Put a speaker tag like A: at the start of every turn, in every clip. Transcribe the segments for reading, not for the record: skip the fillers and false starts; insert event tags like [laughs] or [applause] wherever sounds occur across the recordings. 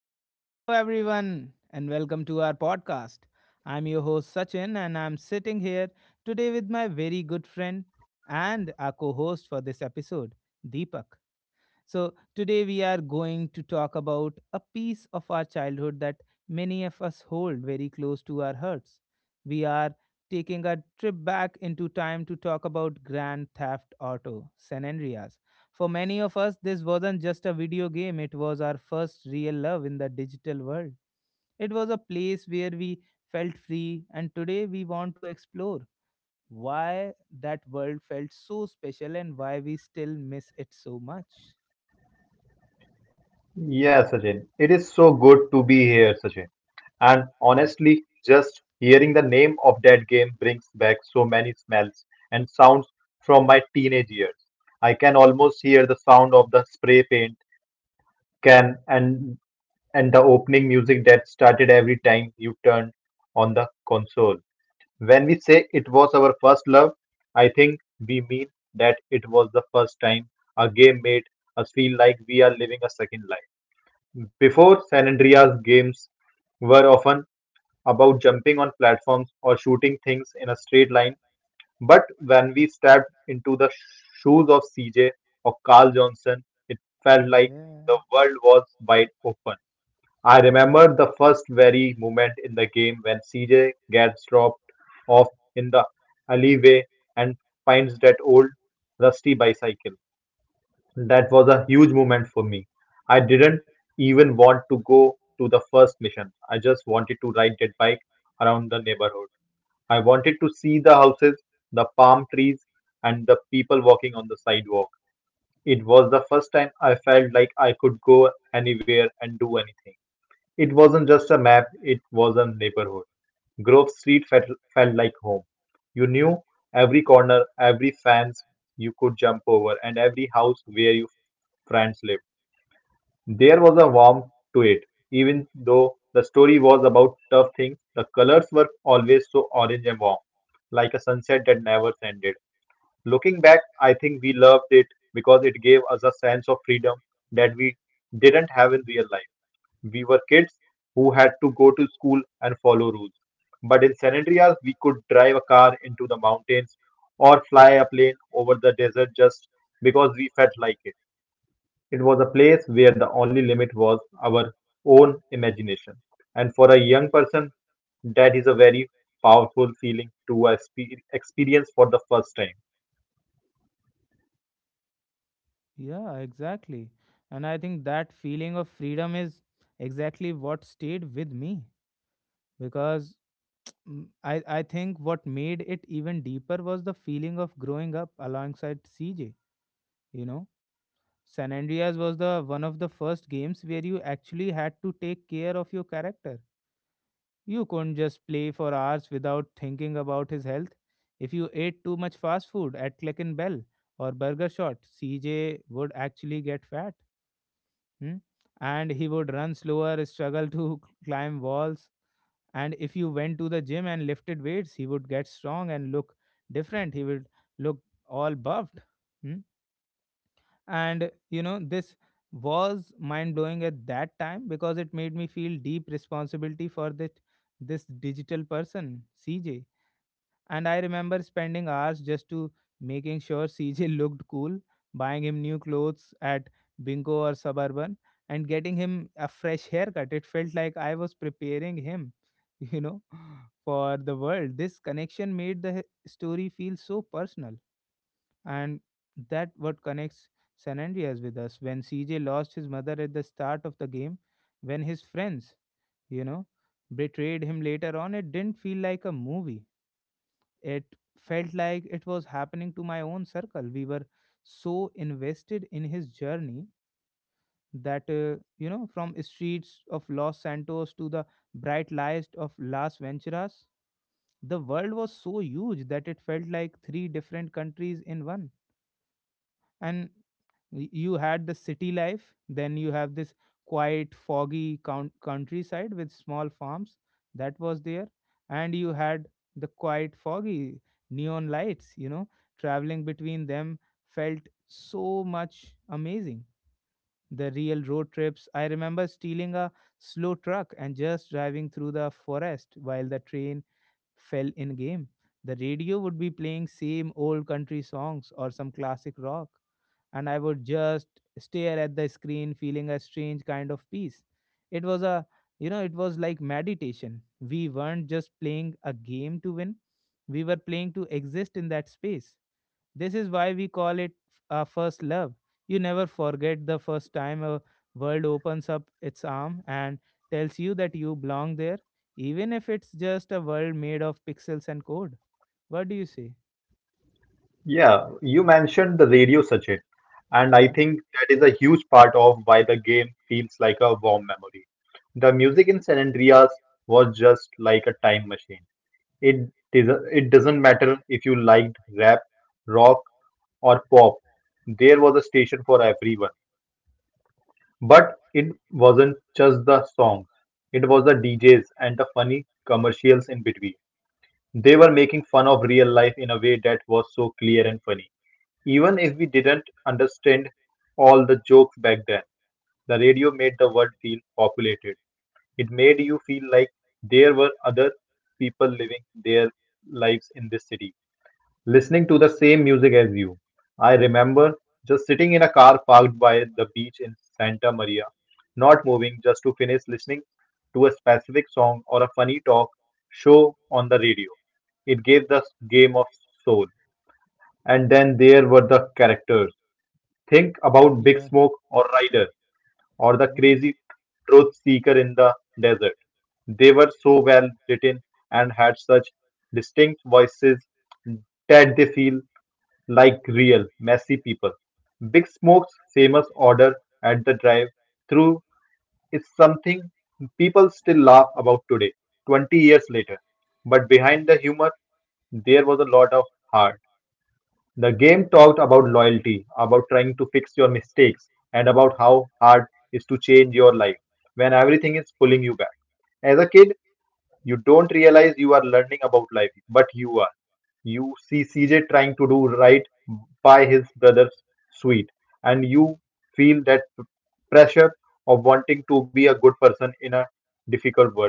A: Hello, everyone, and welcome to our podcast. I'm your host Sachin, and I'm sitting here today with my very good friend and our co host for this episode, Deepak. So, today we are going to talk about a piece of our childhood that many of us hold very close to our hearts. We are taking a trip back into time to talk about Grand Theft Auto San Andreas. For many of us, this wasn't just a video game, it was our first real love in the digital world. It was a place where we felt free, and today we want to explore why that world felt so special and why we still miss it so much.
B: Yeah, Sachin. It is so good to be here, Sachin. And
A: Yeah.
B: honestly, just hearing the name of that game brings back so many smells and sounds from my teenage years. I can almost hear the sound of the spray paint can and the opening music that started every time you turned on the console. When we say it was our first love, I think we mean that it was the first time a game made us feel like we are living a second life. Before, San Andreas games were often about jumping on platforms or shooting things in a straight line, but when we stepped into the shoes of CJ or Carl Johnson, it felt like
A: Yeah.
B: the world was wide open. I remember the first very moment in the game when CJ gets dropped off in the alleyway and finds that old rusty bicycle. That was a huge moment for me. I didn't even want to go to the first mission. I just wanted to ride that bike around the neighborhood. I wanted to see the houses, the palm trees, and the people walking on the sidewalk. It was the first time I felt like I could go anywhere and do anything. It wasn't just a map, it was a neighborhood. Grove Street felt like home. You knew every corner, every fence you could jump over, and every house where your friends lived. There was a warmth to it, even though the story was about tough things. The colors were always so orange and warm, like a sunset that never ended. Looking back, I think we loved it because it gave us a sense of freedom that we didn't have in real life. We were kids who had to go to school and follow rules. But in San Andreas, we could drive a car into the mountains or fly a plane over the desert just because we felt like it. It was a place where the only limit was our own imagination, and for a young person, that is a very powerful feeling to experience for the first time.
A: Yeah, exactly. And I think that feeling of freedom is exactly what stayed with me because I think what made it even deeper was the feeling of growing up alongside CJ, you know. San Andreas was the one of the first games where you actually had to take care of your character. You couldn't just play for hours without thinking about his health. If you ate too much fast food at Click and Bell or Burger Shot, CJ would actually get fat. Hmm? And he would run slower, struggle to [laughs] climb walls. And if you went to the gym and lifted weights, he would get strong and look different. He would look all buffed. Hmm? And this was mind blowing at that time because it made me feel deep responsibility for that this digital person, CJ. And I remember spending hours just to making sure [laughs] CJ looked cool, buying him new clothes at Bingo or Suburban and getting him a fresh haircut. It felt like I was preparing him, [laughs] you know for the world. This connection made the story feel so personal, and that what connects San Andreas with us. When CJ lost his mother at the start of the game, when his friends, you know, betrayed him later on, it didn't feel like a movie. It felt like it was happening to my own circle. We were so invested in his journey that from streets of Los Santos to the bright lights of Las Venturas, the world was so huge that it felt like three different countries in one. And you had the city life, then you have this quiet foggy countryside with small farms that was there, and you had the quiet foggy neon lights, traveling between them felt so much amazing. The real road trips, I remember stealing a slow truck and just driving through the forest while the train fell in game. The radio would be playing same old country songs or some classic rock, and I would just stare at the screen feeling a strange kind of peace. It was a, it was like meditation. We weren't just playing a game to win. We were playing to exist in that space. This is why we call it a first love. You never forget the first time a world opens up its arm and tells you that you belong there, even if it's just a world made of pixels and code. What do you say?
B: Yeah, you mentioned the radio, Sachin, and I
A: Yeah,
B: think that is a huge part of why the game feels like a warm memory. The music in San Andreas was just like a time machine. It it doesn't matter if you liked rap, rock, or pop. There was a station for everyone. But it wasn't just the songs, it was the DJs and the funny commercials in between. They were making fun of real life in a way that was so clear and funny. Even if we didn't understand all the jokes back then, the radio made the world feel populated. It made you feel like there were other people living their lives in this city listening to the same music as you. I remember just sitting in a car parked by the beach in Santa Maria, not moving just to finish listening to a specific song or a funny talk show on the radio. It gave the game of soul. And then there were the characters. Think about Big
A: yeah,
B: Smoke or Ryder or the
A: yeah.
B: crazy truth seeker in the desert. They were so well written and had such distinct voices that they feel like real, messy people. Big Smoke's famous order at the drive-through is something people still laugh about today, 20 years later. But behind the humor, there was a lot of heart. The game talked about loyalty, about trying to fix your mistakes, and about how hard it is to change your life when everything is pulling you back. As a kid, you don't realize you are learning about life, but you are. You see CJ trying to do right by his brother's sweet, and you feel that pressure of wanting to be a good person in a difficult world.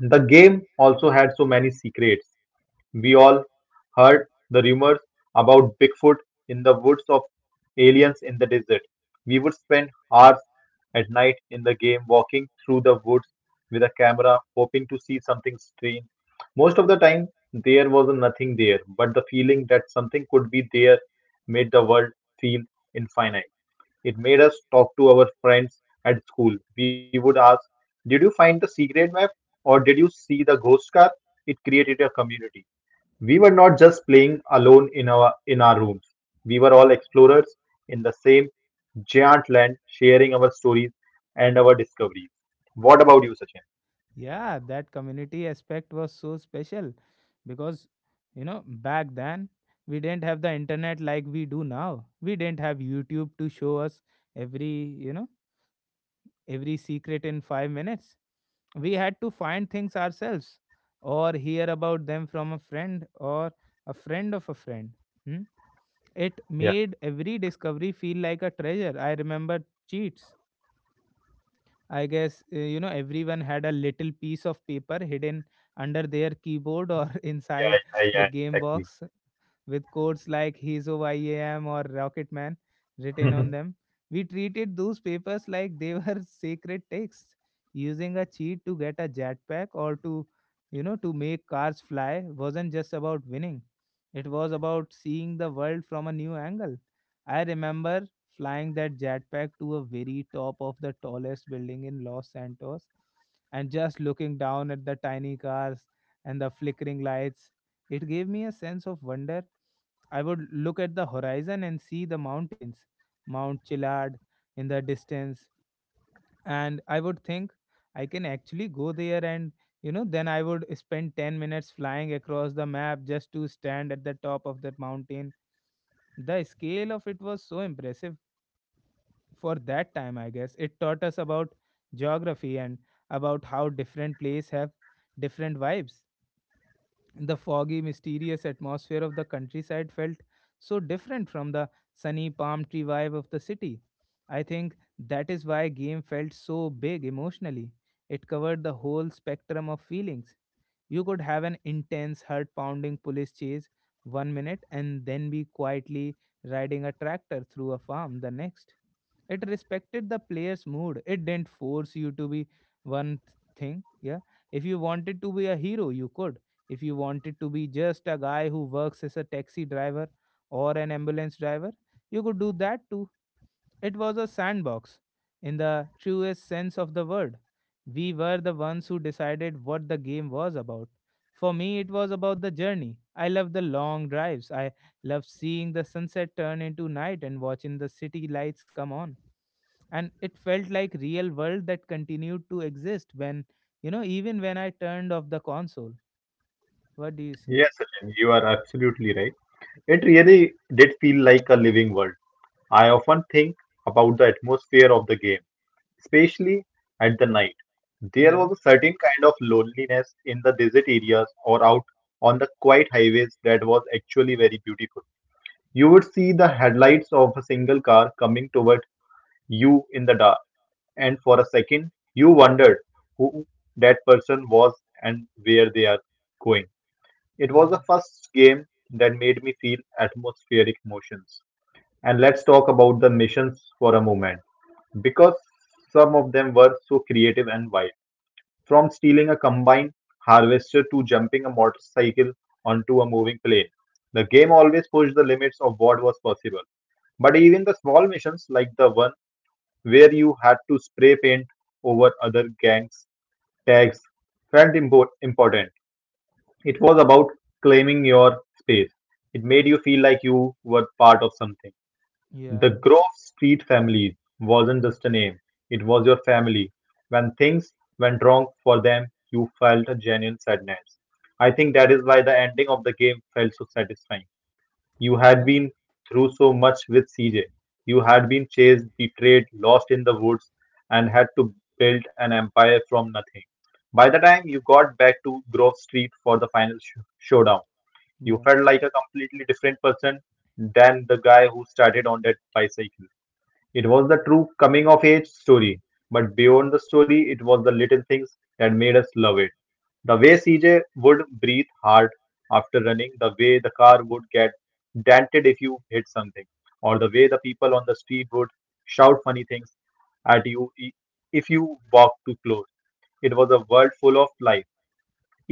B: The game also had so many secrets. We all heard the rumors about Bigfoot in the woods of aliens in the desert. We would spend hours at night in the game walking through the woods with a camera hoping to see something strange. Most of the time, there was nothing there, but the feeling that something could be there made the world feel infinite. It made us talk to our friends at school. We would ask, did you find the secret map or did you see the ghost car? It created a community. We were not just playing alone in our rooms. We were all explorers in the same giant land, sharing our stories and our discoveries. What about you, Sachin?
A: Yeah, that community aspect was so special because, back then we didn't have the internet like we do now. We didn't have YouTube to show us every, you know, every secret in 5 minutes. We had to find things ourselves or hear about them from a friend or a friend of a friend. Hmm? It
B: Yeah,
A: made every discovery feel like a treasure. I remember cheats. I guess, everyone had a little piece of paper hidden under their keyboard or [laughs] inside
B: yeah, yeah,
A: the
B: yeah,
A: game
B: exactly.
A: box with quotes like He's Over IAM or Rocket Man written on them.
B: [laughs]
A: We treated those papers like they were [laughs] sacred texts, using a cheat to get a jetpack or to make cars fly wasn't just about winning. It was about seeing the world from a new angle. I remember flying that jetpack to a very top of the tallest building in Los Santos and just looking down at the tiny cars and the flickering lights. It gave me a sense of wonder. I would look at the horizon and see the mountains, Mount Chilad in the distance, and I would think I can actually go there. And then I would spend 10 minutes flying across the map just to stand at the top of that mountain. The scale of it was so impressive for that time, I guess. It taught us about geography and about how different places have different vibes. The foggy, mysterious atmosphere of the countryside felt so different from the sunny palm tree vibe of the city. I think that is why game felt so big emotionally. It covered the whole spectrum of feelings. You could have an intense, heart pounding police chase one minute and then be quietly riding a tractor through a farm the next. It respected the player's mood. It didn't force you to be one thing. Yeah. If you wanted to be a hero, you could. If you wanted to be just a guy who works as a taxi driver or an ambulance driver, you could do that too. It was a sandbox, in the truest sense of the word. We were the ones who decided what the game was about. For me, it was about the journey. I loved the long drives. I loved seeing the sunset turn into night and watching the city lights come on. And it felt like real world that continued to exist when, you know, even when I turned off the console. What do you say?
B: Yes, Sachin, you are absolutely right. It really did feel like a living world. I often think about the atmosphere of the game, especially at the night. There
A: Yeah,
B: was a certain kind of loneliness in the desert areas or out on the quiet highways that was actually very beautiful. You would see the headlights of a single car coming toward you in the dark, and for a second you wondered who that person was and where they are going. It was the
A: yeah,
B: first game that made me feel atmospheric emotions. And let's talk about the missions for a moment, because some of them were so creative and wild. From stealing a combine harvester to jumping a motorcycle onto a moving plane, the game always pushed the limits of what was possible. But even the small missions, like the one where you had to spray paint over other gangs' tags, felt important. It was about claiming your space. It made you feel like you were part of something.
A: yeah,
B: The Grove Street Families wasn't just a name, it was your family. When things went wrong for them, you felt a genuine sadness. I think that is why the ending of the game felt so satisfying. You had
A: yeah,
B: been through so much with CJ. You had been chased, betrayed, lost in the woods, and had to build an empire from nothing. By the time you got back to Grove Street for the final showdown, you
A: yeah,
B: felt like a completely different person than the guy who started on that bicycle. It was the true coming-of-age story, but beyond the story, it was the little things that made us love it. The way CJ would breathe hard after running, the way the car would get dented if you hit something, or the way the people on the street would shout funny things at you if you walked too close. It was a world full of life,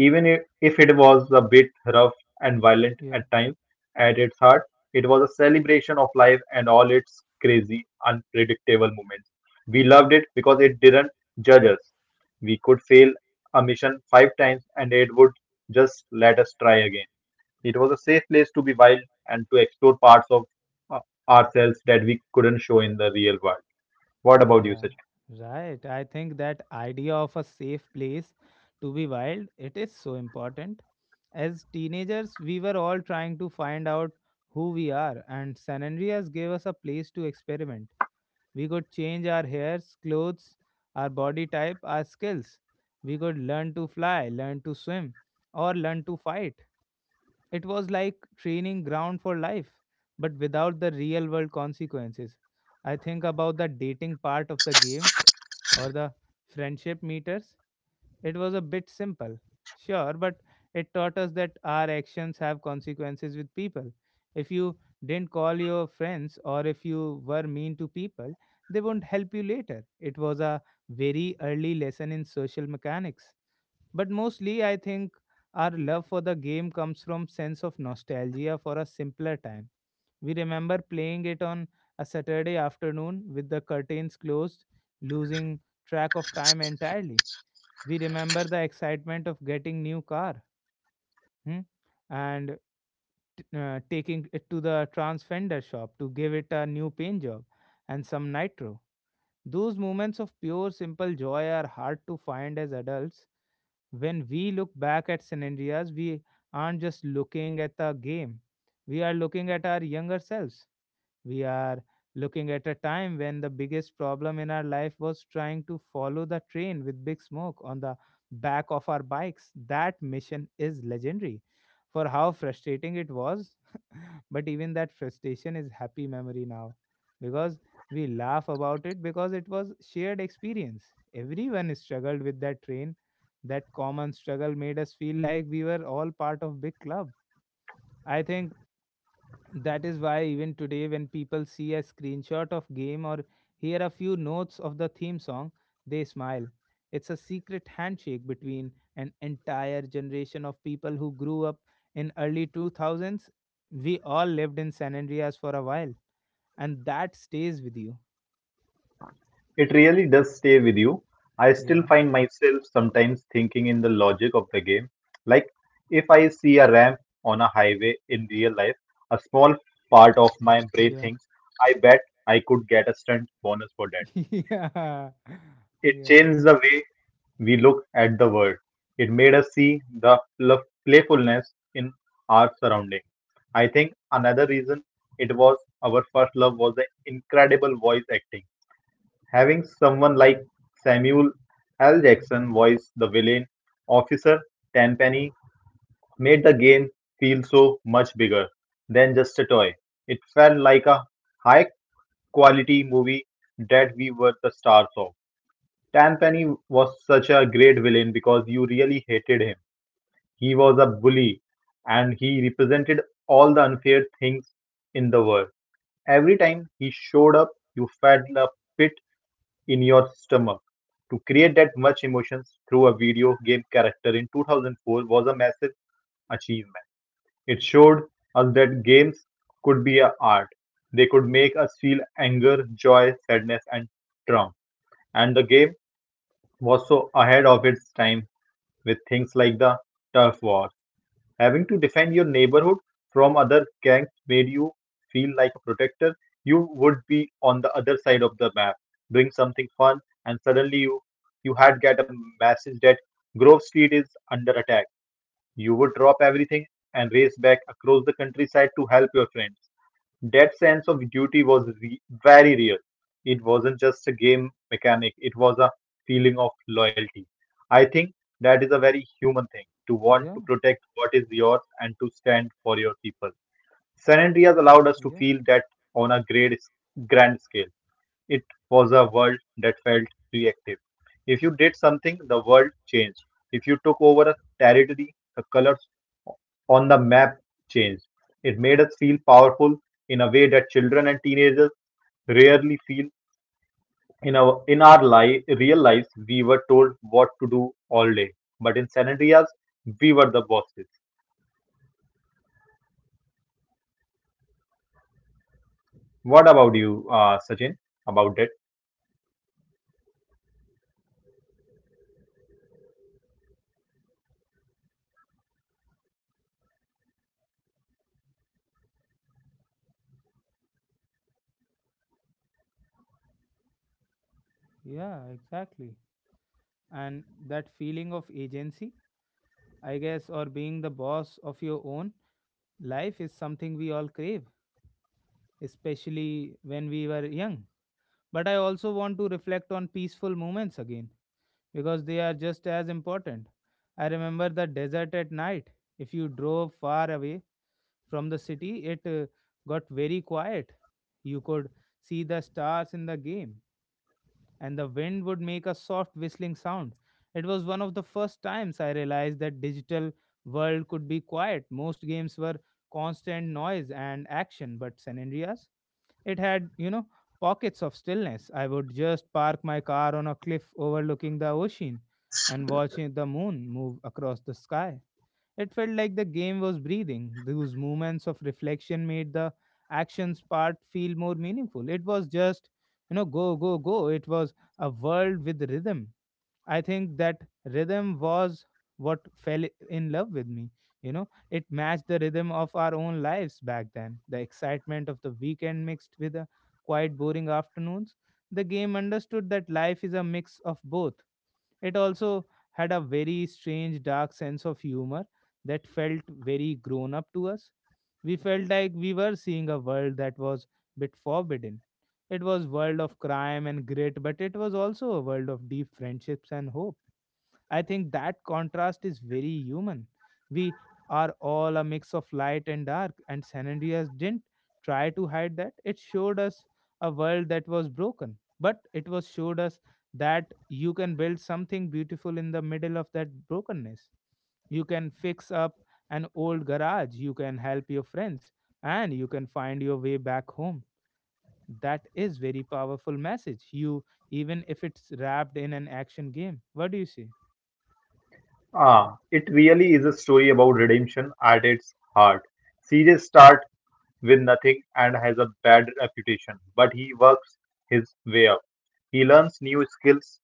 B: even if it was a bit rough and violent
A: yeah.
B: at times. At its heart, it was a celebration of life and all its crazy, unpredictable moments. We loved it because it didn't judge us. We could fail a mission five times and it would just let us try again. It was a safe place to be wild and to explore parts of uh, ourselves that we couldn't show in the real world. What about you,
A: Yeah,
B: Sachin?
A: right. I think that idea of a safe place to be wild, it is so important. As teenagers, we were all trying to find out who we are, and San Andreas gave us a place to experiment. We could change our hairs, clothes, our body type, our skills. We could learn to fly, learn to swim, or learn to fight. It was like training ground for life, but without the real world consequences. I think about the dating part of the game or the friendship meters. It was a bit simple, sure, but it taught us that our actions have consequences with people. If you didn't call your friends or if you were mean to people, they won't help you later. It was a very early lesson in social mechanics, but mostly I think our love for the game comes from sense of nostalgia for a simpler time. We remember playing it on a Saturday afternoon with the curtains closed, losing track of time entirely. We remember the excitement of getting new car. Hmm? And taking it to the Transfender shop to give it a new paint job and some nitro. Those moments of pure, simple joy are hard to find as adults. When we look back at scenarios, we aren't just looking at the game. We are looking at our younger selves. We are looking at a time when the biggest problem in our life was trying to follow the train with Big Smoke on the back of our bikes. That mission is legendary for how frustrating it was, but even that frustration is happy memory now because we laugh about it because it was shared experience. Everyone struggled with that train. That common struggle made us feel like we were all part of big club. I think that is why even today when people see a screenshot of game or hear a few notes of the theme song, they smile. It's a secret handshake between an entire generation of people who grew up in early 2000s. We all lived in San Andreas for a while and that stays with you.
B: It really does stay with you. I still
A: Yeah.
B: find myself sometimes thinking in the logic of the game. Like, if I see a ramp on a highway in real life, a small part of my brain
A: Yeah.
B: thinks, I bet I could get a stunt bonus for that.
A: [laughs] yeah.
B: It
A: Yeah.
B: changed the way we look at the world. It made us see the playfulness in our surrounding. I think another reason it was our first love was the incredible voice acting. Having someone like Samuel L. Jackson voice the villain, Officer Tenpenny, made the game feel so much bigger than just a toy. It felt like a high quality movie that we were the stars of. Tenpenny was such a great villain because you really hated him. He was a bully and he represented all the unfair things in the world. Every time he showed up, you felt a pit in your stomach. To create that much emotions through a video game character in 2004 was a massive achievement. It showed us that games could be a art. They could make us feel anger, joy, sadness, and trauma. And the game was so ahead of its time with things like the turf war. Having to defend your neighborhood from other gangs made you feel like a protector. You would be on the other side of the map, doing something fun, and suddenly you had get a message that Grove Street is under attack. You would drop everything and race back across the countryside to help your friends. That sense of duty was very real. It wasn't just a game mechanic, it was a feeling of loyalty. I think that is a very human thing to want
A: Yeah.
B: to protect what is yours and to stand for your people. San Andreas allowed us to
A: Yeah.
B: feel that on a great, grand scale. It was a world that felt reactive. If you did something, the world changed. If you took over a territory, the colors on the map changed. It made us feel powerful in a way that children and teenagers rarely feel. In our real lives, we were told what to do all day, but in San Andreas, we were the bosses. What about you, Sachin? About that?
A: Yeah, exactly. And that feeling of agency, I guess, or being the boss of your own life is something we all crave, especially when we were young. But I also want to reflect on peaceful moments again because they are just as important. I remember the desert at night. If you drove far away from the city, it got very quiet. You could see the stars in the game and the wind would make a soft whistling sound. It was one of the first times I realized that digital world could be quiet. Most games were constant noise and action, but San Andreas, it had, pockets of stillness. I would just park my car on a cliff overlooking the ocean and watch the moon move across the sky. It felt like the game was breathing. Those moments of reflection made the actions part feel more meaningful. It was just, go, go, go. It was a world with rhythm. I think that rhythm was what fell in love with me. You know, it matched the rhythm of our own lives back then. The excitement of the weekend mixed with the quiet, boring afternoons. The game understood that life is a mix of both. It also had a very strange, dark sense of humor that felt very grown up to us. We felt like we were seeing a world that was bit forbidden. It was world of crime and grit, but it was also a world of deep friendships and hope. I think that contrast is very human. We are all a mix of light and dark, and San Andreas didn't try to hide that. It showed us a world that was broken, but it was showed us that you can build something beautiful in the middle of that brokenness. You can fix up an old garage, you can help your friends, and you can find your way back home. That is very powerful message. You even if it's wrapped in an action game. What do you say?
B: Ah, it really is a story about redemption at its heart. Series start with nothing and has a bad reputation, but he works his way up. He learns new skills,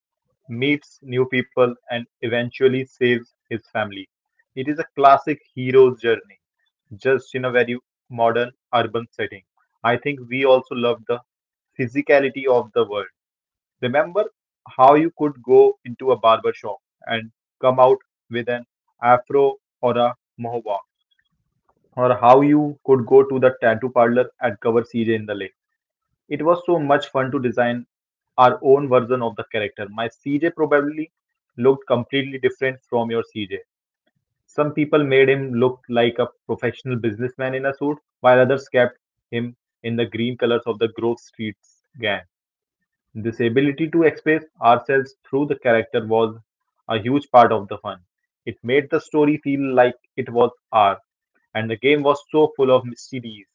B: meets new people, and eventually saves his family. It is a classic hero's journey, just in a very modern urban setting. I think we also love the physicality of the world. Remember how you could go into a barber shop and come out with an afro or a mohawk or how you could go to the tattoo parlor at Cover CJ in the lake. It was so much fun to design our own version of the character. My CJ probably looked completely different from your CJ. Some people made him look like a professional businessman in a suit, while others kept him in the green colors of the Grove Street gang. This ability to express ourselves through the character was a huge part of the fun. It made the story feel like it was ours, and the game was so full of mysteries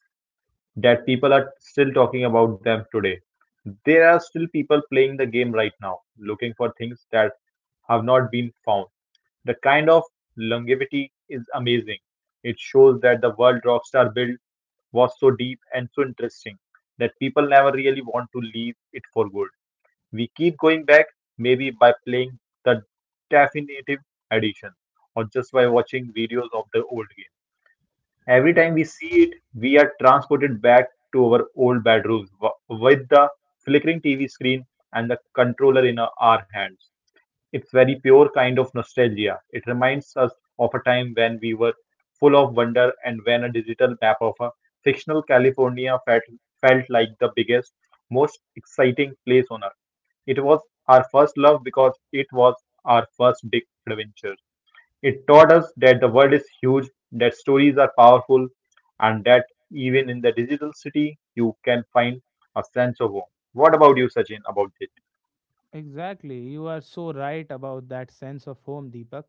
B: that people are still talking about them today. There are still people playing the game right now, looking for things that have not been found. The kind of longevity is amazing. It shows that the world Rockstar built was so deep and so interesting that people never really want to leave it for good. We keep going back, maybe by playing the definitive edition or just by watching videos of the old game. Every time
A: Yeah.
B: we see it, we are transported back to our old bedrooms with the flickering TV screen and the controller in our hands. It's very pure kind of nostalgia. It reminds us of a time when we were full of wonder and when a digital map of a fictional California felt like the biggest, most exciting place on earth. It was our first love because it was our first big adventure. It taught us that the world is huge, that stories are powerful, and that even in the digital city, you can find a sense of home. What about you, Sachin, about it?
A: Exactly. You are so right about that sense of home, Deepak.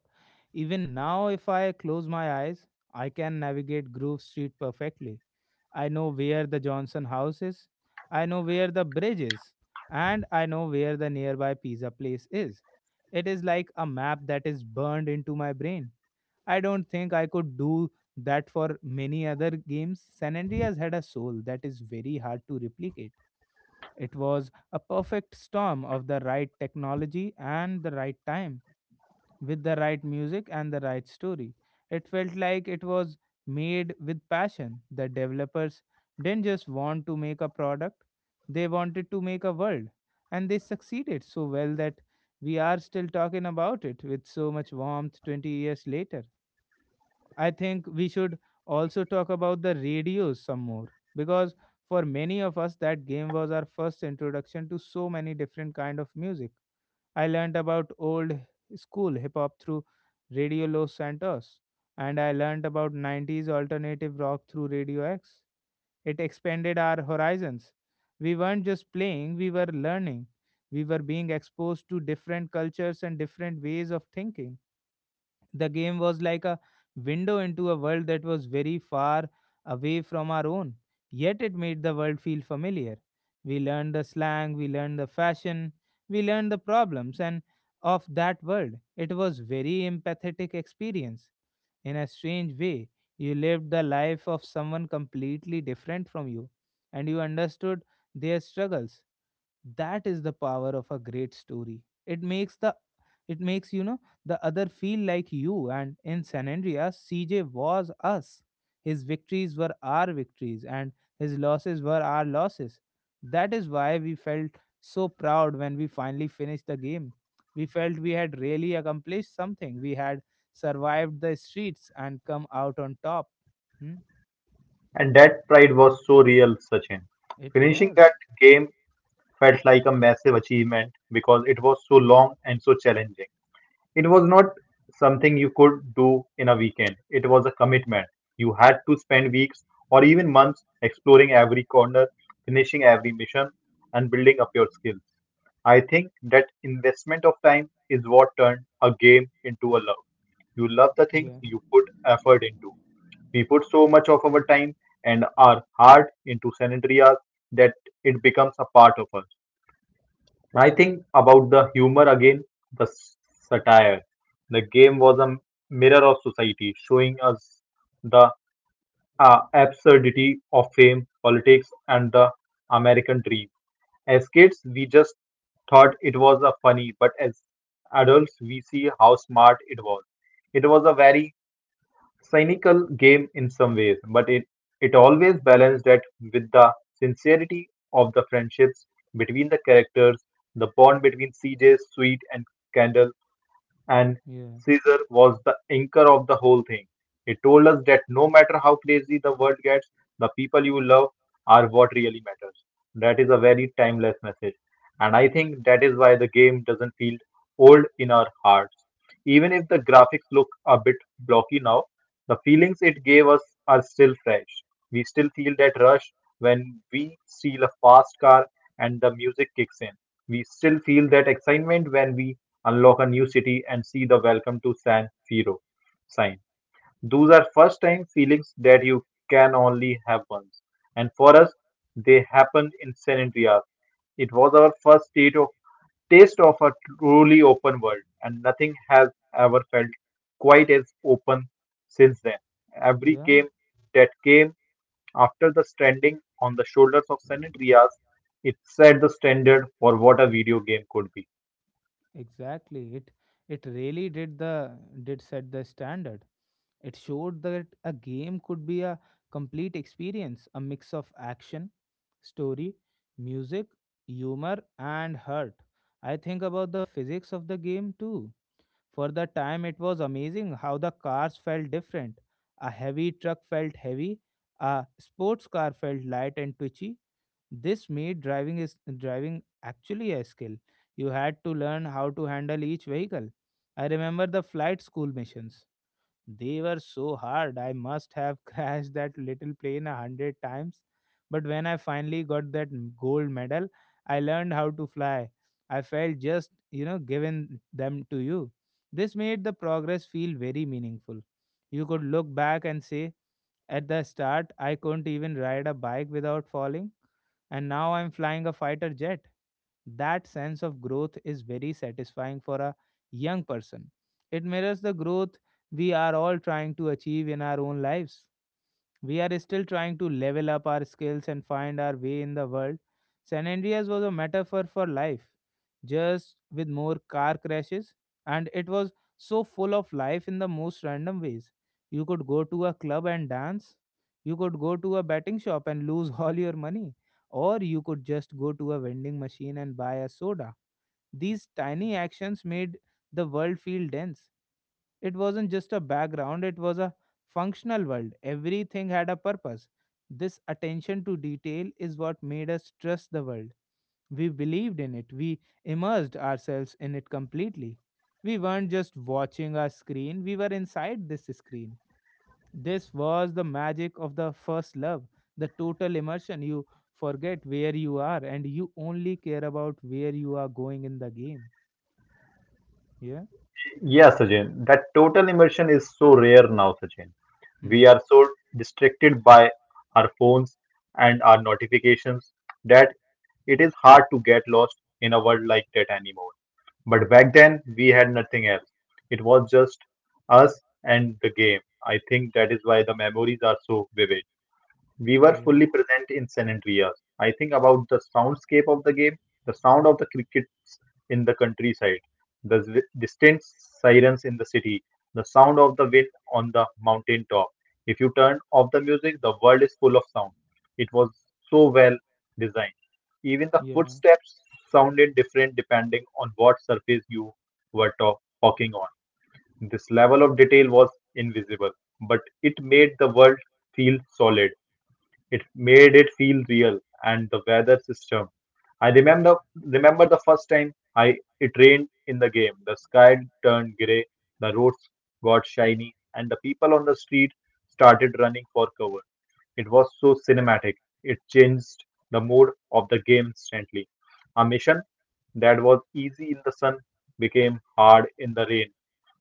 A: Even now, if I close my eyes, I can navigate Grove Street perfectly. I know where the Johnson house is, I know where the bridge is, and I know where the nearby pizza place is. It is like a map that is burned into my brain. I don't think I could do that for many other games. San Andreas had a soul that is very hard to replicate. It was a perfect storm of the right technology and the right time, with the right music and the right story. It felt like it was made with passion. The developers didn't just want to make a product, they wanted to make a world. And they succeeded so well that we are still talking about it with so much warmth 20 years later. I think we should also talk about the radios some more because for many of us that game was our first introduction to so many different kind of music. I learned about old school hip hop through Radio Los Santos and I learned about 90s alternative rock through Radio X. It expanded our horizons. We weren't just playing, we were learning. We were being exposed to different cultures and different ways of thinking. The game was like a window into a world that was very far away from our own, yet it made the world feel familiar. We learned the slang, we learned the fashion, we learned the problems and of that world. It was very empathetic experience. In a strange way, you lived the life of someone completely different from you and you understood their struggles. That is the power of a great story. It makes the it makes the other feel like you. And in San Andreas, CJ was us. His victories were our victories and his losses were our losses. That is why we felt so proud when we finally finished the game. We felt we had really accomplished something. We had survived the streets and come out on top. Hmm?
B: And that pride was so real, Sachin.
A: It
B: Finishing that
A: was.
B: game felt like a massive achievement because it was so long and so challenging. It was not something you could do in a weekend. It was a commitment. You had to spend weeks or even months exploring every corner, finishing every mission, and building up your skills. I think that investment of time is what turned a game into a love. You love the things
A: Yeah.
B: you put effort into. We put so much of our time and our heart into sanitary hours that it becomes a part of us. I think about the humor again, the s- satire. The game was a mirror of society, showing us the absurdity of fame, politics, and the American dream. As kids, we just thought it was a funny, but as adults, we see how smart it was. It was a very cynical game in some ways, but it always balanced that with the sincerity of the friendships between the characters, the bond between CJ, Sweet, and Kendall and
A: Yeah.
B: Caesar was the anchor of the whole thing. He told us that no matter how crazy the world gets, the people you love are what really matters. That is a very timeless message. And I think that is why the game doesn't feel old in our hearts. Even if the graphics look a bit blocky now, the feelings it gave us are still fresh. We still feel that rush when we steal a fast car and the music kicks in. We still feel that excitement when we unlock a new city, and see the Welcome to San Firo sign. Those are first time feelings that you can only have once. And for us, they happened in San Andreas. It was our taste of a truly open world, and nothing has ever felt quite as open since then. Every
A: Yeah.
B: game that came after the standing on the shoulders of San Andreas, it set the standard for what a video game could be.
A: Exactly. It really did set the standard. It showed that a game could be a complete experience, a mix of action, story, music, humor, and hurt. I think about the physics of the game too. For the time, it was amazing how the cars felt different. A heavy truck felt heavy, a sports car felt light and twitchy. This made driving actually a skill. You had to learn how to handle each vehicle. I remember the flight school missions. They were so hard. I must have [laughs] crashed that little plane 100 times. But when I finally got that gold medal, I learned how to fly. I felt just, given them to you. This made the progress feel very meaningful. You could look back and say, at the start, I couldn't even ride a bike without falling, and now I'm flying a fighter jet. That sense of growth is very satisfying for a young person. It mirrors the growth we are all trying to achieve in our own lives. We are still trying to level up our skills and find our way in the world. San Andreas was a metaphor for life, just with more car crashes, and it was so full of life in the most random ways. You could go to a club and dance, you could go to a betting shop and lose [laughs] all your money, or you could just go to a vending machine and buy a soda. These tiny actions made the world feel dense. It wasn't just a background, it was a functional world. Everything had a purpose. This attention to detail is what made us trust the world. We believed in it. We immersed ourselves in it completely. We weren't just watching a screen, we were inside this screen. This was the magic of the first love, the total immersion. You forget where you are and you only care about where you are going in the game. Yeah?
B: Yeah, Sachin, that total immersion is so rare now, Sachin.
A: Hmm.
B: We are so distracted by our phones and our notifications that it is hard to get lost in a world like that anymore. But back then, we had nothing else. It was just us and the game. I think that is why the memories are so vivid we were
A: Yeah.
B: fully present in San Andreas. I think about the soundscape of the game, the sound of the crickets in the countryside, distant sirens in the city, the sound of the wind on the mountain top. If you turn off the music, the world is full of sound. It was so well designed. Even the
A: Yeah.
B: footsteps sounded different depending on what surface you were to- walking on. This level of detail was invisible, but it made the world feel solid. It made it feel real, and the weather system. I remember the first time I it rained in the game. The sky turned grey, the roads got shiny, and the people on the street started running for cover. It was so cinematic. It changed the mood of the game instantly. A mission that was easy in the sun became hard in the rain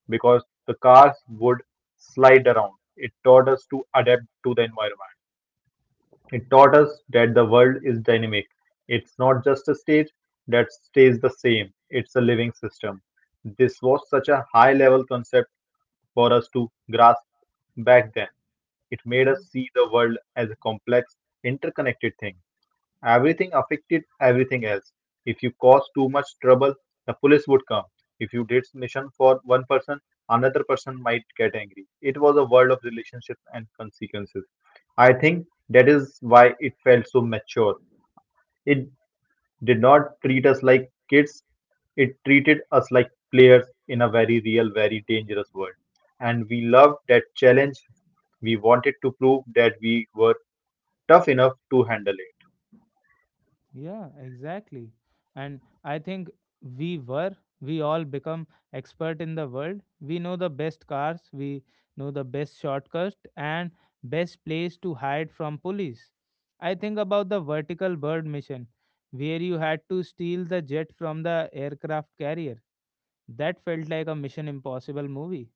B: because the cars would slide around. It taught us to adapt to the environment. It taught us that the world is dynamic. It's not just a stage that stays the same, it's a living system. This was such a high level concept for us to grasp back then. It made
A: Yeah.
B: us see the world as a complex, interconnected thing. Everything affected everything else. If you caused too much trouble, the police would come. If you did mission for one person, another person might get angry. It was a world of relationships and consequences. I think that is why it felt so mature. It did not treat us like kids. It treated us like players in a very real, very dangerous world. And we loved that challenge. We wanted to prove that we were tough enough to handle it.
A: Yeah, exactly. And I think we were, we all become expert in the world. We know the best cars, we know the best shortcuts and best place to hide from police. I think about the vertical bird mission where you had to steal the jet from the aircraft carrier. That felt like a Mission Impossible movie.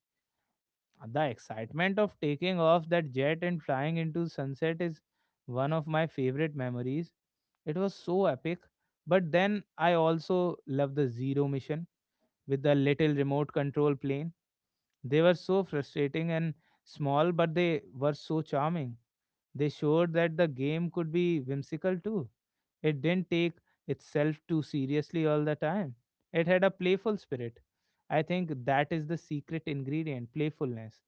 A: The excitement of taking off that jet and flying into sunset is one of my favorite memories. It was so epic. But then I also love the Zero mission with the little remote control plane. They were so frustrating and small, but they were so charming. They showed that the game could be whimsical too. It didn't take itself too seriously all the time. It had a playful spirit. I think that is the secret ingredient playfulness.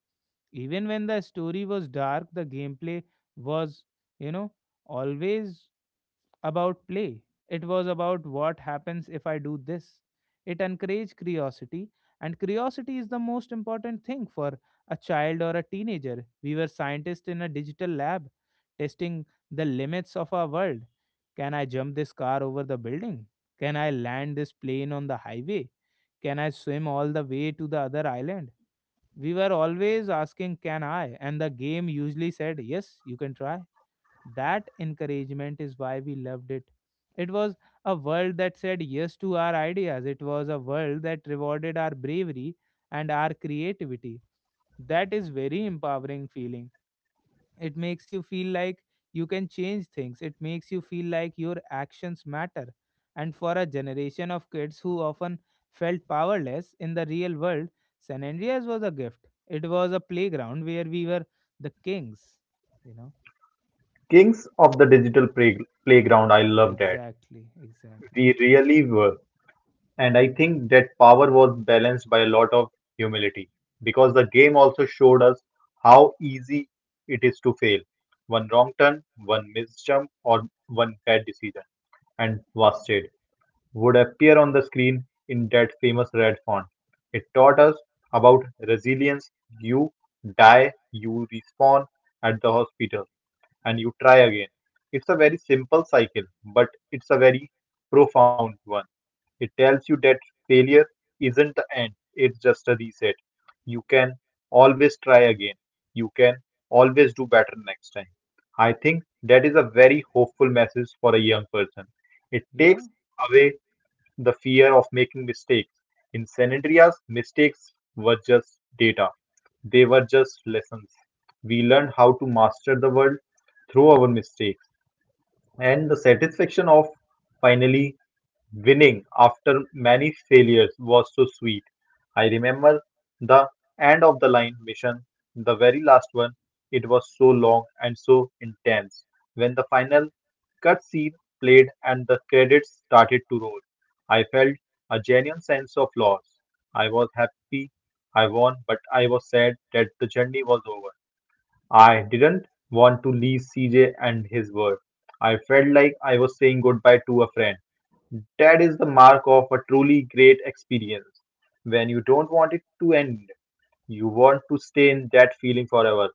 A: Even when the story was dark, the gameplay was, you know, always about play. It was about what happens if I do this. It encouraged curiosity, and curiosity is the most important thing for a child or a teenager. We were scientists in a digital lab testing the limits of our world. Can I jump this car over the building? Can I land this plane on the highway? Can I swim all the way to the other island? We were always asking, can I? And the game usually said, yes, you can try. That encouragement is why we loved it. It was a world that said yes to our ideas, it was a world that rewarded our bravery and our creativity. That is very empowering feeling. It makes you feel like you can change things. It makes you feel like your actions matter. And for a generation of kids who often felt powerless in the real world, San Andreas was a gift. It was a playground where we were the kings, you know.
B: Kings of the playground, I love that.
A: Exactly,
B: We
A: exactly.
B: really were. And I think that power was balanced by a lot of humility because the game also showed us how easy it is to fail. One wrong turn, one missed jump, or one bad decision, and wasted would appear on the screen in that famous red font. It taught us about resilience. You die, you respawn at the hospital and you try again. It's a very simple cycle, but it's a very profound one. It tells you that failure isn't the end, it's just a reset. You can always try again, you can always do better next time. I think that is a very hopeful message for a young person. It
A: Yeah,
B: takes away the fear of making mistakes. In Sanadria's, mistakes were just data. They were just lessons. We learned how to master the world through our mistakes. And the satisfaction of finally winning after many failures was so sweet. I remember the end of the line mission, the very last one. It was so long and so intense. When the final cutscene played and the credits started to roll, I felt a genuine sense of loss. I was happy I won, but I was sad that the journey was over. I didn't want to leave CJ and his work. I felt like I was saying goodbye to a friend. That is the mark of a truly great experience. When you don't want it to end, you want to stay in that feeling forever.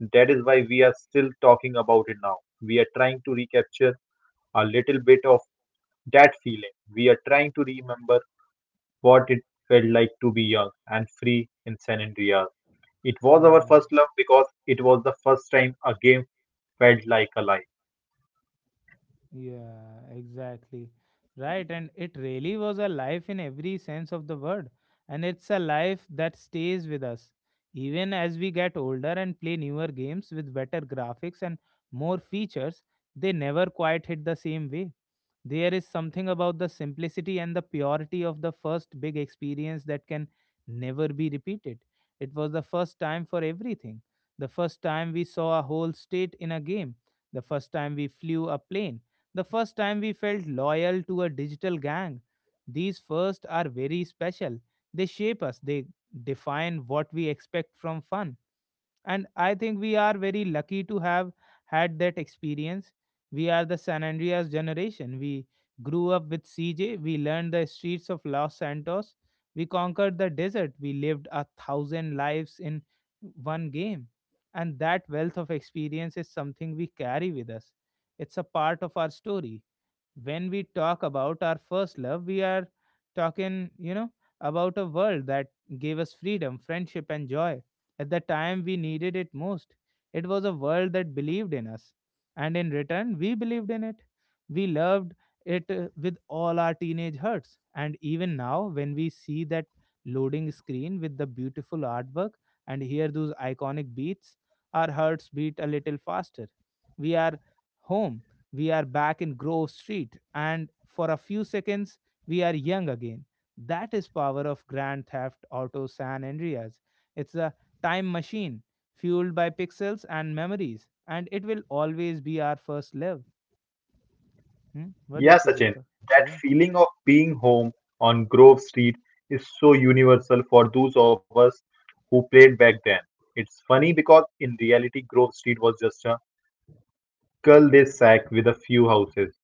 B: That is why we are still talking about it now. We are trying to recapture a little bit of that feeling. We are trying to remember what it felt like to be young and free in San Andreas. It was our
A: yeah.
B: first love because it was the first time a game felt like a life.
A: Yeah, exactly. Right. And it really was a life in every sense of the word. And it's a life that stays with us. Even as we get older and play newer games with better graphics and more features, they never quite hit the same way. There is something about the simplicity and the purity of the first big experience that can never be repeated. It was the first time for everything. The first time we saw a whole state in a game. The first time we flew a plane. The first time we felt loyal to a digital gang. These firsts are very special. They shape us, they define what we expect from fun. And I think we are very lucky to have had that experience. We are the San Andreas generation. We grew up with CJ, we learned the streets of Los Santos, we conquered the desert, we lived a thousand lives in one game. And that wealth of experience is something we carry with us. It's a part of our story. When we talk about our first love, we are talking, about a world that gave us freedom, friendship, and joy. At the time we needed it most, it was a world that believed in us. And in return, we believed in it. We loved it with all our teenage hearts. And even now, when we see that loading screen with the beautiful artwork and hear those iconic beats, our hearts beat a little faster. We are home. We are back in Grove Street, and for a few seconds, we are young again. That is power of Grand Theft Auto San Andreas. It's a time machine fueled by pixels and memories, and it will always be our first love. Hmm? What do you
B: Yeah,
A: say,
B: Sachin,
A: Deepak?
B: that
A: Yeah,
B: feeling of being home on Grove Street is so universal for those of us who played back then. It's funny because in reality, Grove Street was just a cul de sac with a few houses,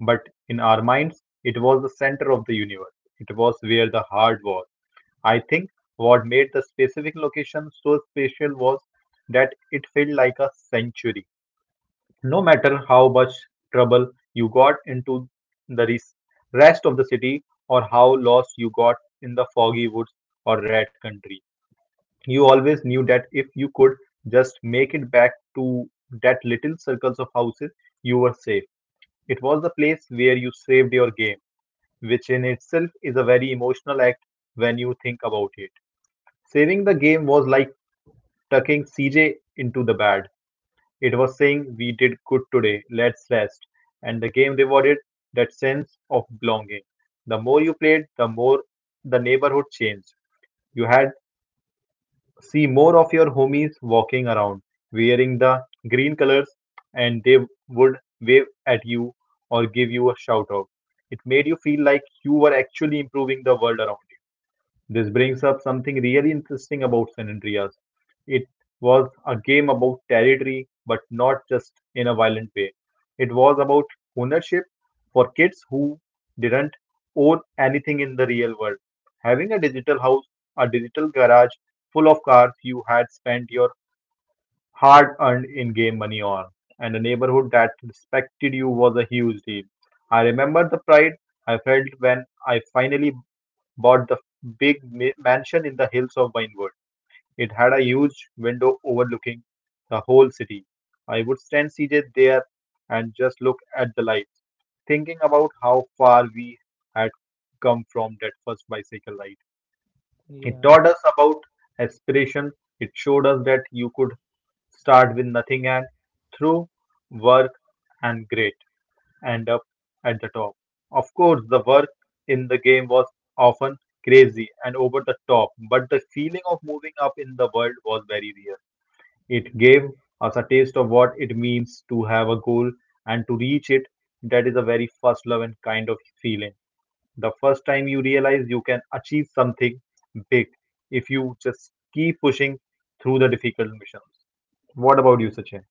B: but in our minds, it was the center of the universe. It was where the heart was. I think what made the specific location so special was that it felt like a sanctuary. No matter how much trouble you got into the res- rest of the city or how lost you got in the foggy woods or red country, you always knew that if you could just make it back to that little circles of houses, you were safe. It was the place where you saved your game, which in itself is a very emotional act when you think about it. Saving the game was like tucking CJ into the bed. It was saying, "We did good today, let's rest," and the game rewarded that sense of belonging. The more you played, the more the neighborhood changed. You had see more of your homies walking around wearing the green colors, and they would wave at you or give you a shout out. It made you feel like you were actually improving the world around you. This brings up something really interesting about San Andreas. It was a game about territory, but not just in a violent way. It was about ownership for kids who didn't own anything in the real world. Having a digital house, a digital garage full of cars you had spent your hard earned in game money on, and a neighborhood that respected you was a huge deal. I remember the pride I felt when I finally bought the mansion in the hills of Vinewood. It had a huge window overlooking the whole city. I would stand seated there and just look at the lights, thinking about how far we had come from that first bicycle ride. It
A: yeah,
B: taught us about aspiration. It showed us that you could start with nothing and through work and great and up at the top. Of course, the work in the game was often crazy and over the top, but the feeling of moving up in the world was very real. It gave us a taste of what it means to have a goal and to reach it. That is a very first love and kind of feeling. The first time you realize you can achieve something big if you just keep pushing through the difficult missions. What about you, Sachin?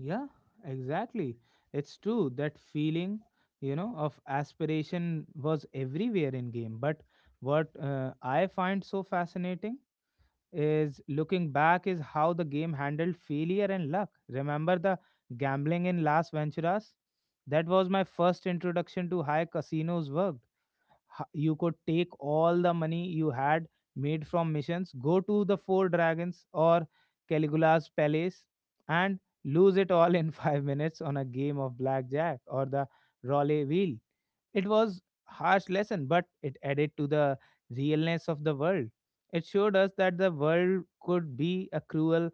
A: yeah. Exactly. It's true that feeling, of aspiration was everywhere in game, but what I find so fascinating is looking back is how the game handled failure and luck. Remember the gambling in Las Venturas? That was my first introduction to how casinos worked. You could take all the money you had made from missions, go to the Four Dragons or Caligula's Palace, and lose it all in [laughs] 5 minutes on a game of blackjack or the Raleigh wheel. It was harsh lesson, but it added to the realness of the world. It showed us that the world could be a cruel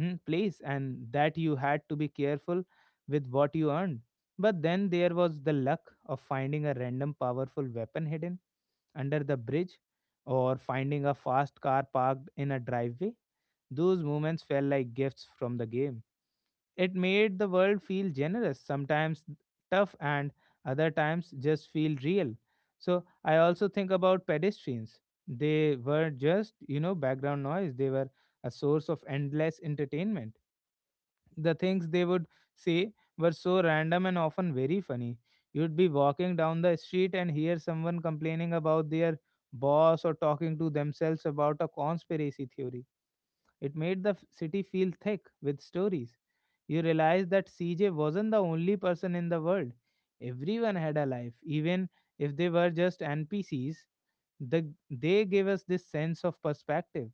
A: place and that you had to be careful with what you earned. But then there was the luck of finding a random powerful weapon hidden under the bridge or finding a fast car parked in a driveway. Those moments felt like gifts from the game. It made the world feel generous, sometimes tough, and other times just feel real. So I also think about pedestrians. They were just, you know, background noise. They were a source of endless entertainment. The things they would say were so random and often very funny. You'd be walking down the street and hear someone complaining about their boss or talking to themselves about a conspiracy theory it made the city feel thick with stories. You realized that CJ wasn't the only person in the world. Everyone had a life, even if they were just NPCs they gave us this sense of perspective.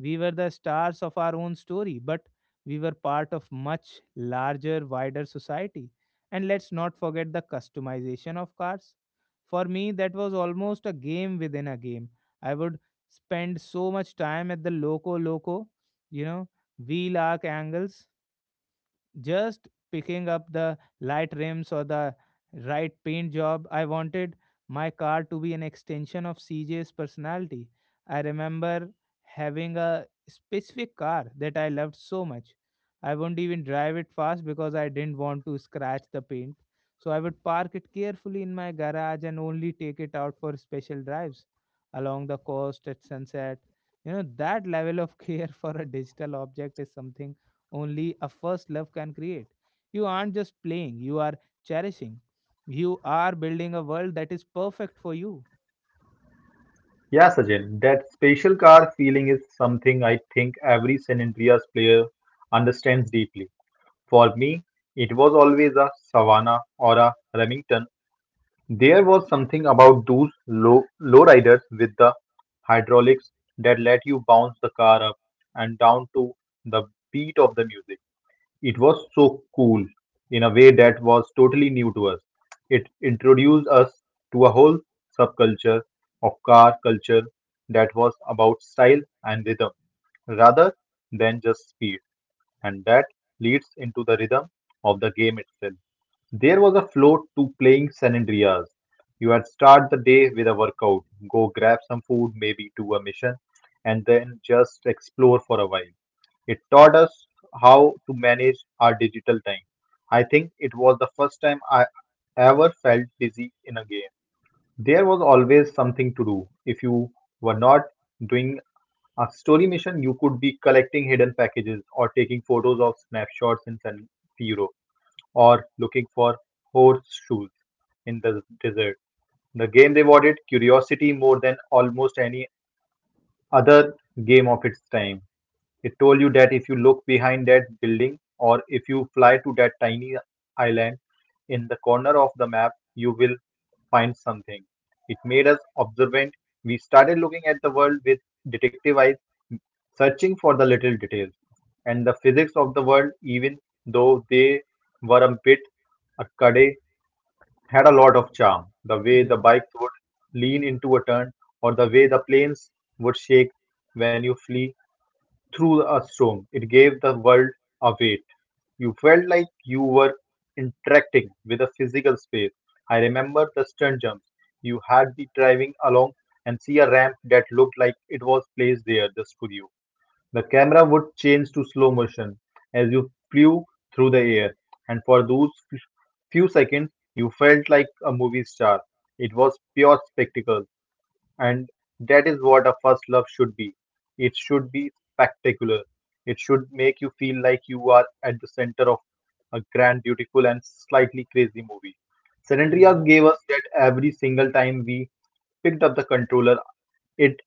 A: We were the stars of our own story, but we were part of much larger, wider society. And let's not forget the customization of cars. For me, that was almost a game within a game. I would spend so much time at the loco loco, you know, wheel arc angles just picking up the light rims or the right paint job. I wanted my car to be an extension of C J's personality. I remember having a specific car that I loved so much. I wouldn't even drive it fast because I didn't want to scratch the paint. So I would park it carefully in my garage and only take it out for special drives along the coast at sunset. You know, that level of care [laughs] for a digital object is something only a first love can create. You aren't just playing, you are cherishing. You are building a world that is perfect for you.
B: Yeah, Sachin, that spatial car feeling is something I think every San Andreas player understands deeply. For me, it was always a Savannah or a Remington. There was something about those low, lowriders with the hydraulics that let you bounce the car up and down to the beat of the music. It was so cool in a way that was totally new to us. It introduced us to a whole subculture of car culture that was about style and rhythm rather than just speed and that leads into the rhythm of the game itself. There was a flow to playing San Andreas. You had start the day with a workout, go grab some food, maybe do a mission, and then just explore for a while. It taught us how to manage our digital time. I think it was the first time I ever felt busy in a game. There was always something to do. If you were not doing a story mission, you could be collecting hidden packages or taking photos of snapshots in San Siro or looking for horseshoes in the desert. The game rewarded curiosity more than almost any other game of its time. It told you that if you look behind that building or if you fly to that tiny island in the corner of the map, you will find something. It made us observant. We started looking at the world with detective eyes, searching for the little details and the physics of the world, even though they were a bit arcade, had a lot of charm. The way the
A: Yeah,
B: bikes would lean into a turn, or the way the planes would shake when you flee through a storm. It gave the world a weight. You felt like you were interacting with a physical space. I remember the stunt jumps. You had be driving along and see a ramp that looked like it was placed there just for you. The camera would change to slow motion as you flew through the air, and for few seconds, you felt like a movie star. It was pure spectacle. And that is what a first love should be. It should be spectacular. It should make you feel like you are at the center of a grand, beautiful, and slightly crazy movie. San Andreas
A: yeah.
B: gave us that every single time we picked up the controller. It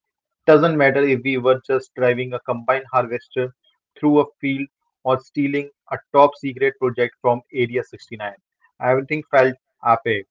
B: doesn't matter if we were just driving a combine harvester through a field or stealing a top secret project from Area 69. Everything felt epic.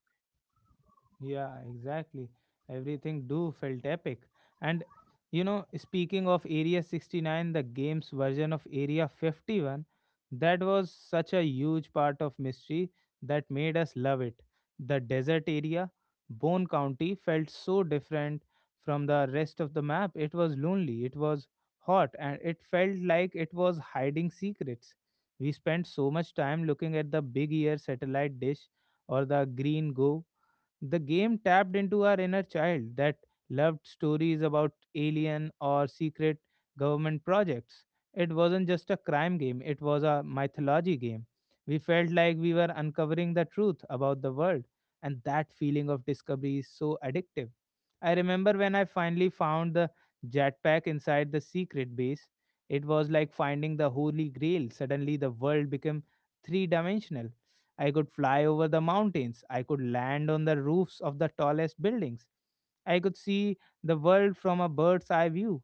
A: Yeah, exactly. Everything do felt epic. And you know, speaking of Area 69, the game's version of Area 51, that was such a huge part of mystery that made us love it. The desert area, Bone County, felt so different from the rest of the map. It was lonely, it was hot, and it felt like it was hiding secrets. We spent so much time looking at the big ear satellite dish or the green go the game tapped into our inner child that loved stories about alien or secret government projects. It wasn't just a crime game, it was a mythology game. We felt like we were uncovering the truth about the world, and that feeling of discovery is so addictive. I remember when I finally found the jetpack inside the secret base. It was like finding the holy grail. Suddenly, the world became three dimensional. I could fly over the mountains. I could land on the roofs of the tallest buildings. I could see the world from a bird's eye view.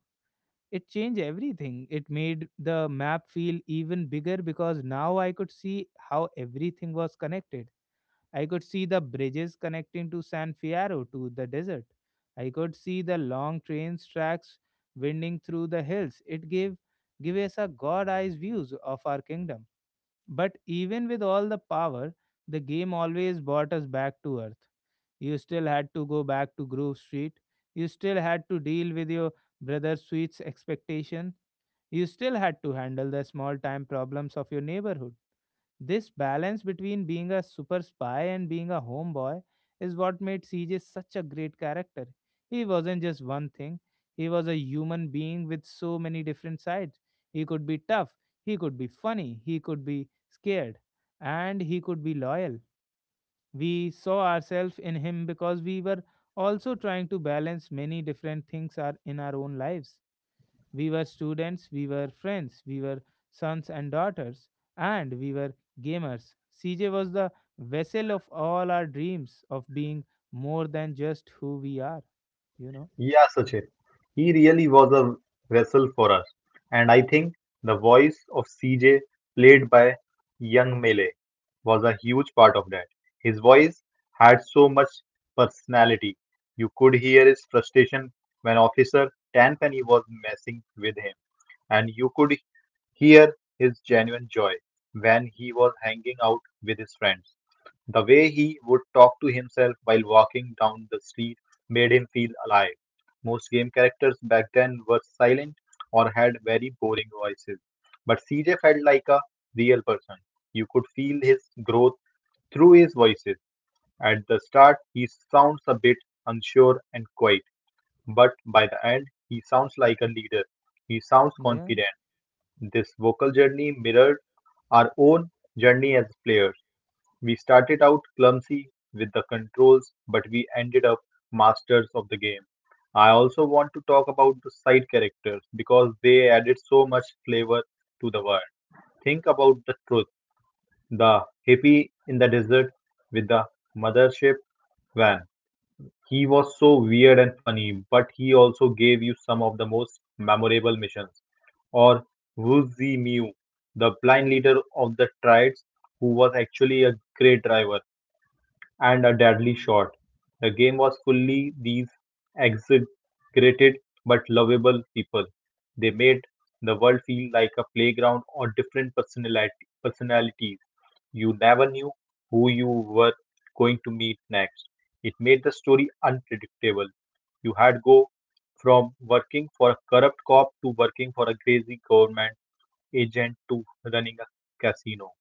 A: It changed everything. It made the map feel even bigger because now I could see how everything was connected. I could see the bridges connecting to San Fierro to the desert. I could see the long train tracks winding through the hills. It gave us a god eyes views of our kingdom. But even with all the power, the game always brought us back to earth. You still had to go back to Grove Street. You still had to deal with your brother sweets expectation. You still had to handle the small time problems of your neighborhood. This balance between being a super spy and being a homeboy is what made CJ such a great character. He wasn't just one thing, he was a human being with so many different sides. He could be tough, he could be funny, he could be scared, and he could be loyal. We saw ourselves in him because we were also trying to balance many different things are in our own lives. We were students, we were friends, we were sons and daughters, and we were gamers. CJ was the vessel of all our dreams of being more than just who we are, you know?
B: Yeah, Sachin. He really was a vessel for us. And I think the voice of CJ, played by young Mele, was a huge part of that. His voice had so much personality. You could hear his frustration when Officer Tenpenny was messing with him, and you could hear his genuine joy when he was hanging out with his friends. The way he would talk to himself while walking down the street made him feel alive. Most game characters back then were silent or had very boring voices. But CJ felt like a real person. You could feel his growth through his voices. At the start, he sounds a bit unsure and quiet, but by the end, he sounds like a leader. He sounds
A: Yeah,
B: confident. This vocal journey mirrored our own journey as players. We started out clumsy with the controls, but we ended up masters of the game. I also want to talk about the side characters because they added so much flavor to the world. Think about the truth the hippie in the desert with the mothership van. He was so weird and funny, but he also gave you some of the most memorable missions. Or Wu Zi Miu, the blind leader of the triads, who was actually a great driver and a deadly shot. The game was fully these exaggerated but lovable people. They made the world feel like a playground or different personality personalities. You never knew who you were going to meet next. It made the story unpredictable. You had go from working for a corrupt cop to working for a crazy government agent to running a casino.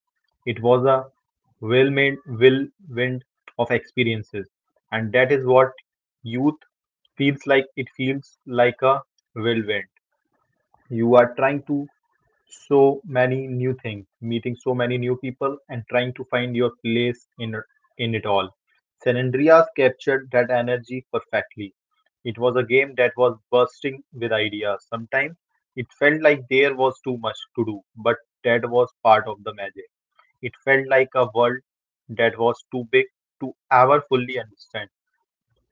B: It was a whirlwind of experiences, and that is what youth feels like. It feels like a whirlwind. You are trying to so many new things, meeting so many new people, and trying to find your place in it all. San Andreas captured that energy perfectly. It was a game that was bursting with ideas. Sometimes it felt like there was too much to do, but that was part of the magic. It felt like a world that was too big to ever fully understand.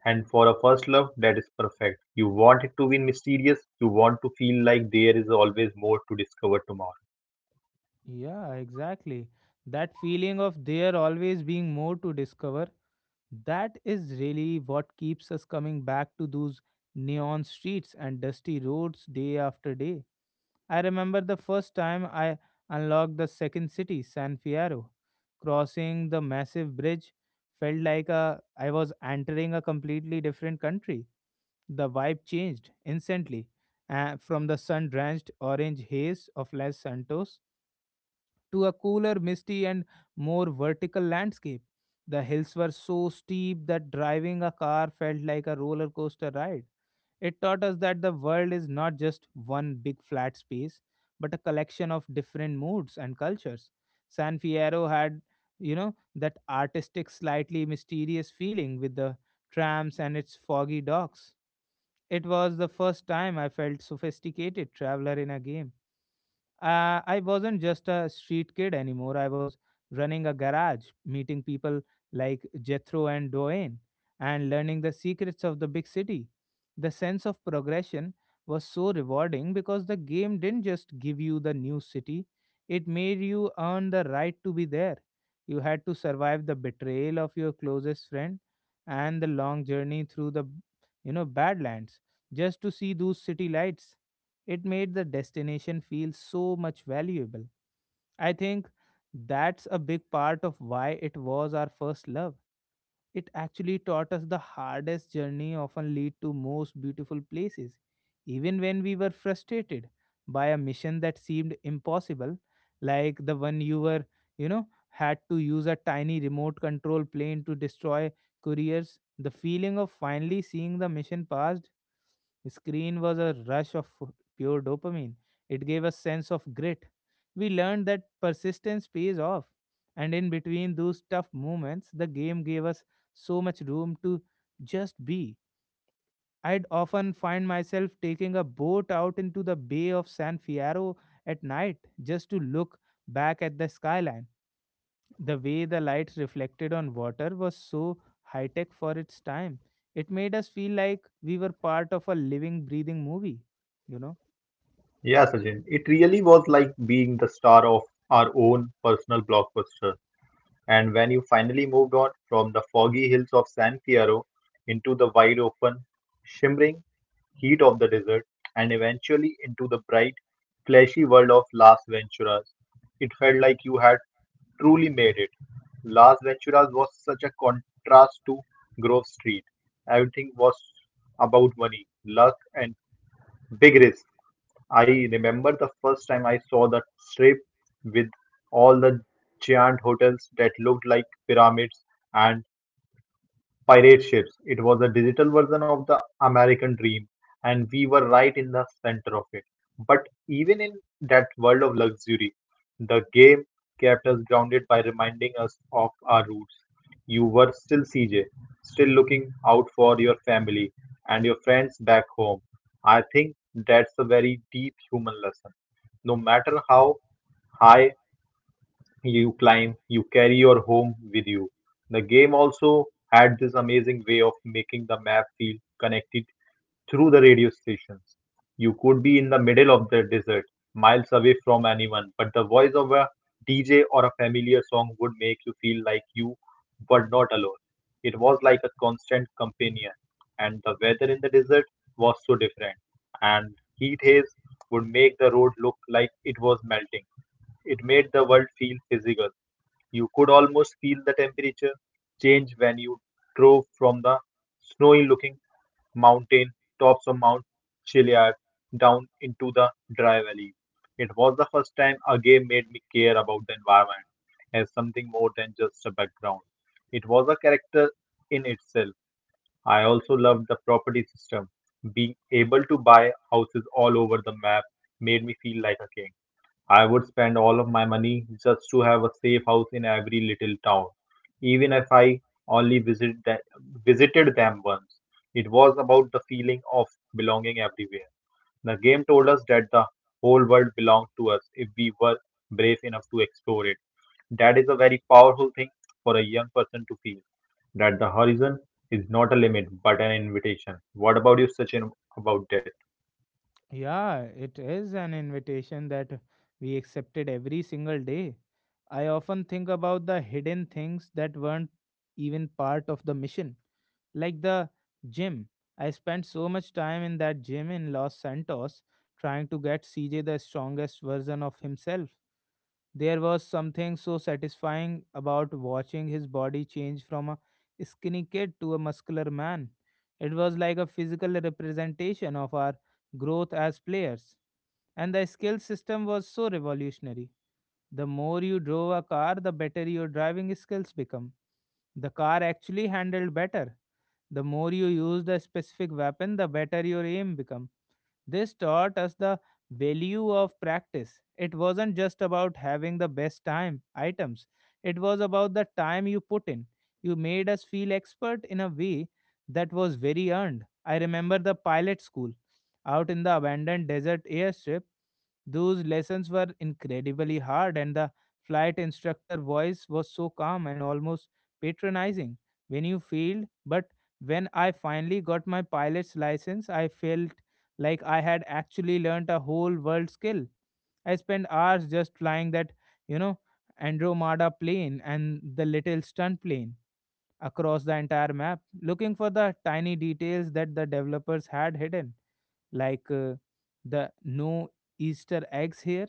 B: And for a first love, that is perfect. You want it to be mysterious, you want to feel like there is always more to discover tomorrow.
A: yeah, exactly. That feeling of there always being more to discover, that is really what keeps us coming back to those neon streets and dusty roads day after day. I remember the first time I unlocked the second city, San Fierro. Crossing the massive bridge felt like I was entering a completely different country. The vibe changed instantly from the sun drenched orange haze of Los Santos to a cooler, misty, and more vertical landscape. The hills were so steep that driving a car felt like a roller coaster ride it taught us that the world is not just one big flat space, but a collection of different moods and cultures. San Fierro had, you know, that artistic, slightly mysterious feeling with the trams and its foggy docks. It was the first time I felt sophisticated traveler in a game. I wasn't just a street kid anymore. I was running a garage, meeting people like Jethro and Doane, and learning the secrets of the big city. The sense of progression was so rewarding because the game didn't just give you the new city, it made you earn the right to be there. You had to survive the betrayal of your closest friend and the long journey through the you know badlands just to see those city lights. It made the destination feel so much valuable. I think that's a big part of why it was our first love. It actually taught us the hardest journey often lead to most beautiful places. Even when we were frustrated by a mission that seemed impossible, like the one you were, you know, had to use a tiny remote control plane to destroy couriers, the feeling of finally seeing the mission passed screen was a rush of pure dopamine. It gave a sense of grit. We learned that persistence pays off. And in between those tough moments, the game gave us so much room to just be. I'd often find myself taking a boat out into the Bay of San Fierro at night just to look back at the skyline. The way the light reflected on water was so high tech for its time. It made us feel like we were part of a living, breathing movie, you know.
B: Yeah, Sachin, it really was like being the star of our own personal blockbuster. And when you finally moved on from the foggy hills of San Piero into the wide open, shimmering heat of the desert, and eventually into the bright, flashy world of Las Venturas, it felt like you had truly made it. Las Venturas was such a contrast to Grove Street. Everything was about money, luck, and big risk. I remember the first time I saw the strip with all the giant hotels that looked like pyramids, and pirate ships. It was a digital version of the American dream, and we were right in the center of it. But even in that world of luxury, the game kept us grounded by reminding us of our roots. You were still CJ, still looking out for your family and your friends back home. I think that's a very deep human lesson. No matter how high you climb, you carry your home with you. The game also had this amazing way of making the map feel connected through the radio stations. You could be in the middle of the desert, miles away from anyone, but the voice of a DJ or a familiar song would make you feel like you were not alone. It was like a constant companion, and the weather in the desert was so different and heat haze would make the road look like it was melting. It made the world feel physical. You could almost feel the temperature change when you drove from the snowy looking mountain tops of Mount Chiliad down into the dry valley. It was the first time a game made me care about the environment as something more than just a background. It was a character in itself. I also loved the property system. Being able to buy houses all over the map made me feel like a king. I would spend all of my money just to have a safe house in every little town, even if I only visited them once. It was about the feeling of belonging everywhere. The game told us that the whole world belonged to us if we were brave enough to explore it. That is a very powerful thing for a young person to feel that the horizon is not a limit but an invitation. What about you, Sachin, about that?
A: Yeah, it is an invitation that we accepted every single day. I often think about the hidden things that weren't even part of the mission, like the gym. I spent so much time in that gym in Los Santos trying to get CJ the strongest version of himself. There was something so satisfying about watching his body change from a skinny kid to a muscular man. It was like a physical representation of our growth as players. And the skill system was so revolutionary. The more you drove a car, the better your driving skills become. The car actually handled better. The more you used a specific weapon, the better your aim become. This taught us the value of practice. It wasn't just about having the best time items, it was about the time you put in. You made us feel expert in a way that was very earned. I remember the pilot school out in the abandoned desert airstrip. Those lessons were incredibly hard, and the flight instructor voice was so calm and almost patronizing when you failed. But when I finally got my pilot's license, I felt like I had actually learnt a whole world skill. I spent hours just flying that, you know, Andromeda plane and the little stunt plane across the entire map, looking for the tiny details that the developers had hidden, like the no Easter eggs here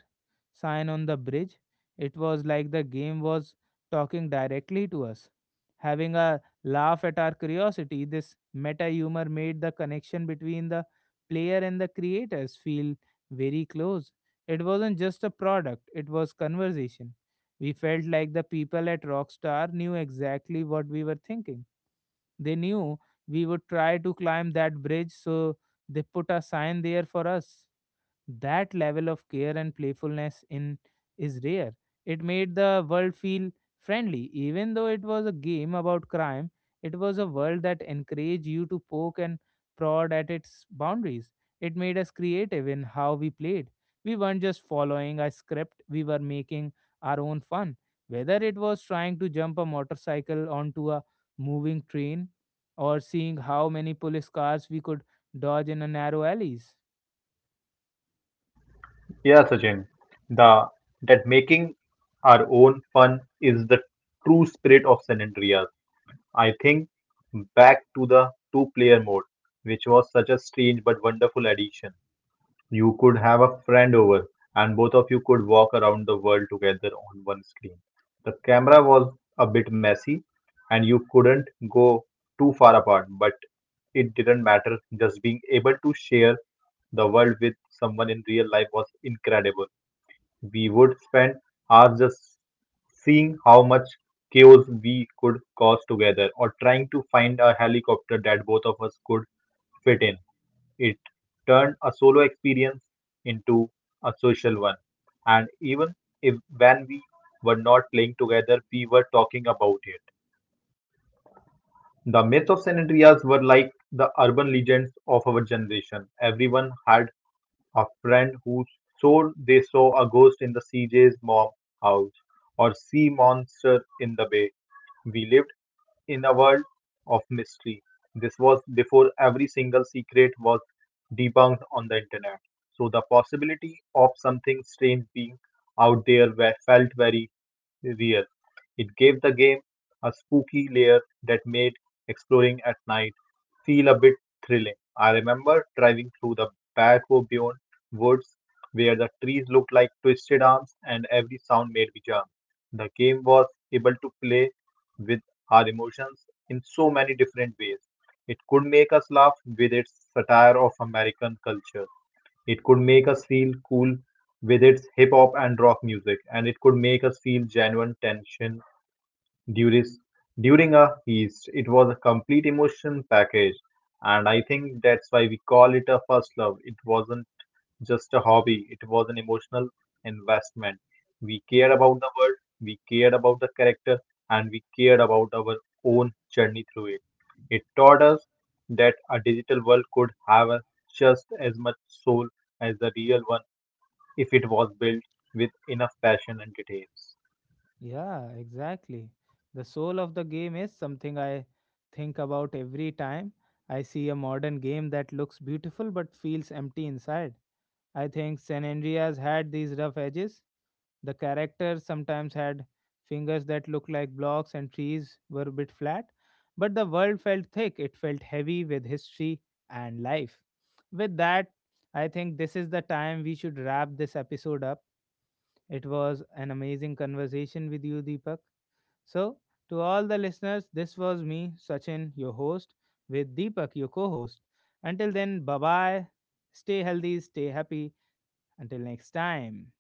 A: sign on the bridge. It was like the game was talking directly to us, having a laugh at our curiosity. This meta humor made the connection between the player and the creators feel very close. It wasn't just a product, it was conversation. We felt like the people at Rockstar knew exactly what we were thinking. They knew we would try to climb that bridge, so they put a sign there for us. That level of care and playfulness in is rare. It made the world feel friendly. Even though it was a game about crime, it was a world that encouraged you to poke and prod at its boundaries. It made us creative in how we played. We weren't just following a script, we were making our own fun. Whether it was trying to jump a motorcycle onto a moving train or seeing how many police cars we could dodge in a narrow alleys.
B: Yeah, Sachin, the that making our own fun is the true spirit of San Andreas. I think back to the two player mode, which was such a strange but wonderful addition. You could have a friend over, and both of you could walk around the world together on one screen. The camera was a bit messy, and you couldn't go too far apart, but it didn't matter. Just being able to share the world with someone in real life was incredible. We would spend hours just seeing how much chaos we could cause together, or trying to find a helicopter that both of us could fit in. It turned a solo experience into a social one. And even if when we were not playing together, we were talking about it. The myths of San Andreas were like the urban legends of our generation. Everyone had a friend who swore they saw a ghost in the CJ's mom house or sea monster in the bay. We lived in a world of mystery. This was before every single secret was debunked on the internet. So the possibility of something strange being out there were, felt very real. It gave the game a spooky layer that made exploring at night feel a bit thrilling. I remember driving through the Back Beyond woods where the trees looked like twisted arms and every sound made me jump. The game was able to play with our emotions in so many different ways. It could make us laugh with its satire of American culture. It could make us feel cool with its hip hop and rock music, and it could make us feel genuine tension during during a feast. It was a complete emotion package, and I think that's why we call it a first love. It wasn't just a hobby. It was an emotional investment. We cared
A: Yeah.
B: about the world, we cared about the character, and we cared about our own journey through it. It taught us that a digital world could have just as much soul as the real one if it was built with enough passion and details.
A: Yeah, exactly. The soul of the game is something I think about every time I see a modern game that looks beautiful but feels empty inside. I think San Andreas had these rough edges. The characters sometimes had fingers that looked like blocks, and trees were a bit flat. But the world felt thick, it felt heavy with history and life. With that, I think this is the time we should wrap this episode up. It was an amazing conversation with you, Deepak. So, to all the listeners, this was me, Sachin, your host, with Deepak, your co host. Until then, bye bye. Stay healthy, stay happy. Until next time.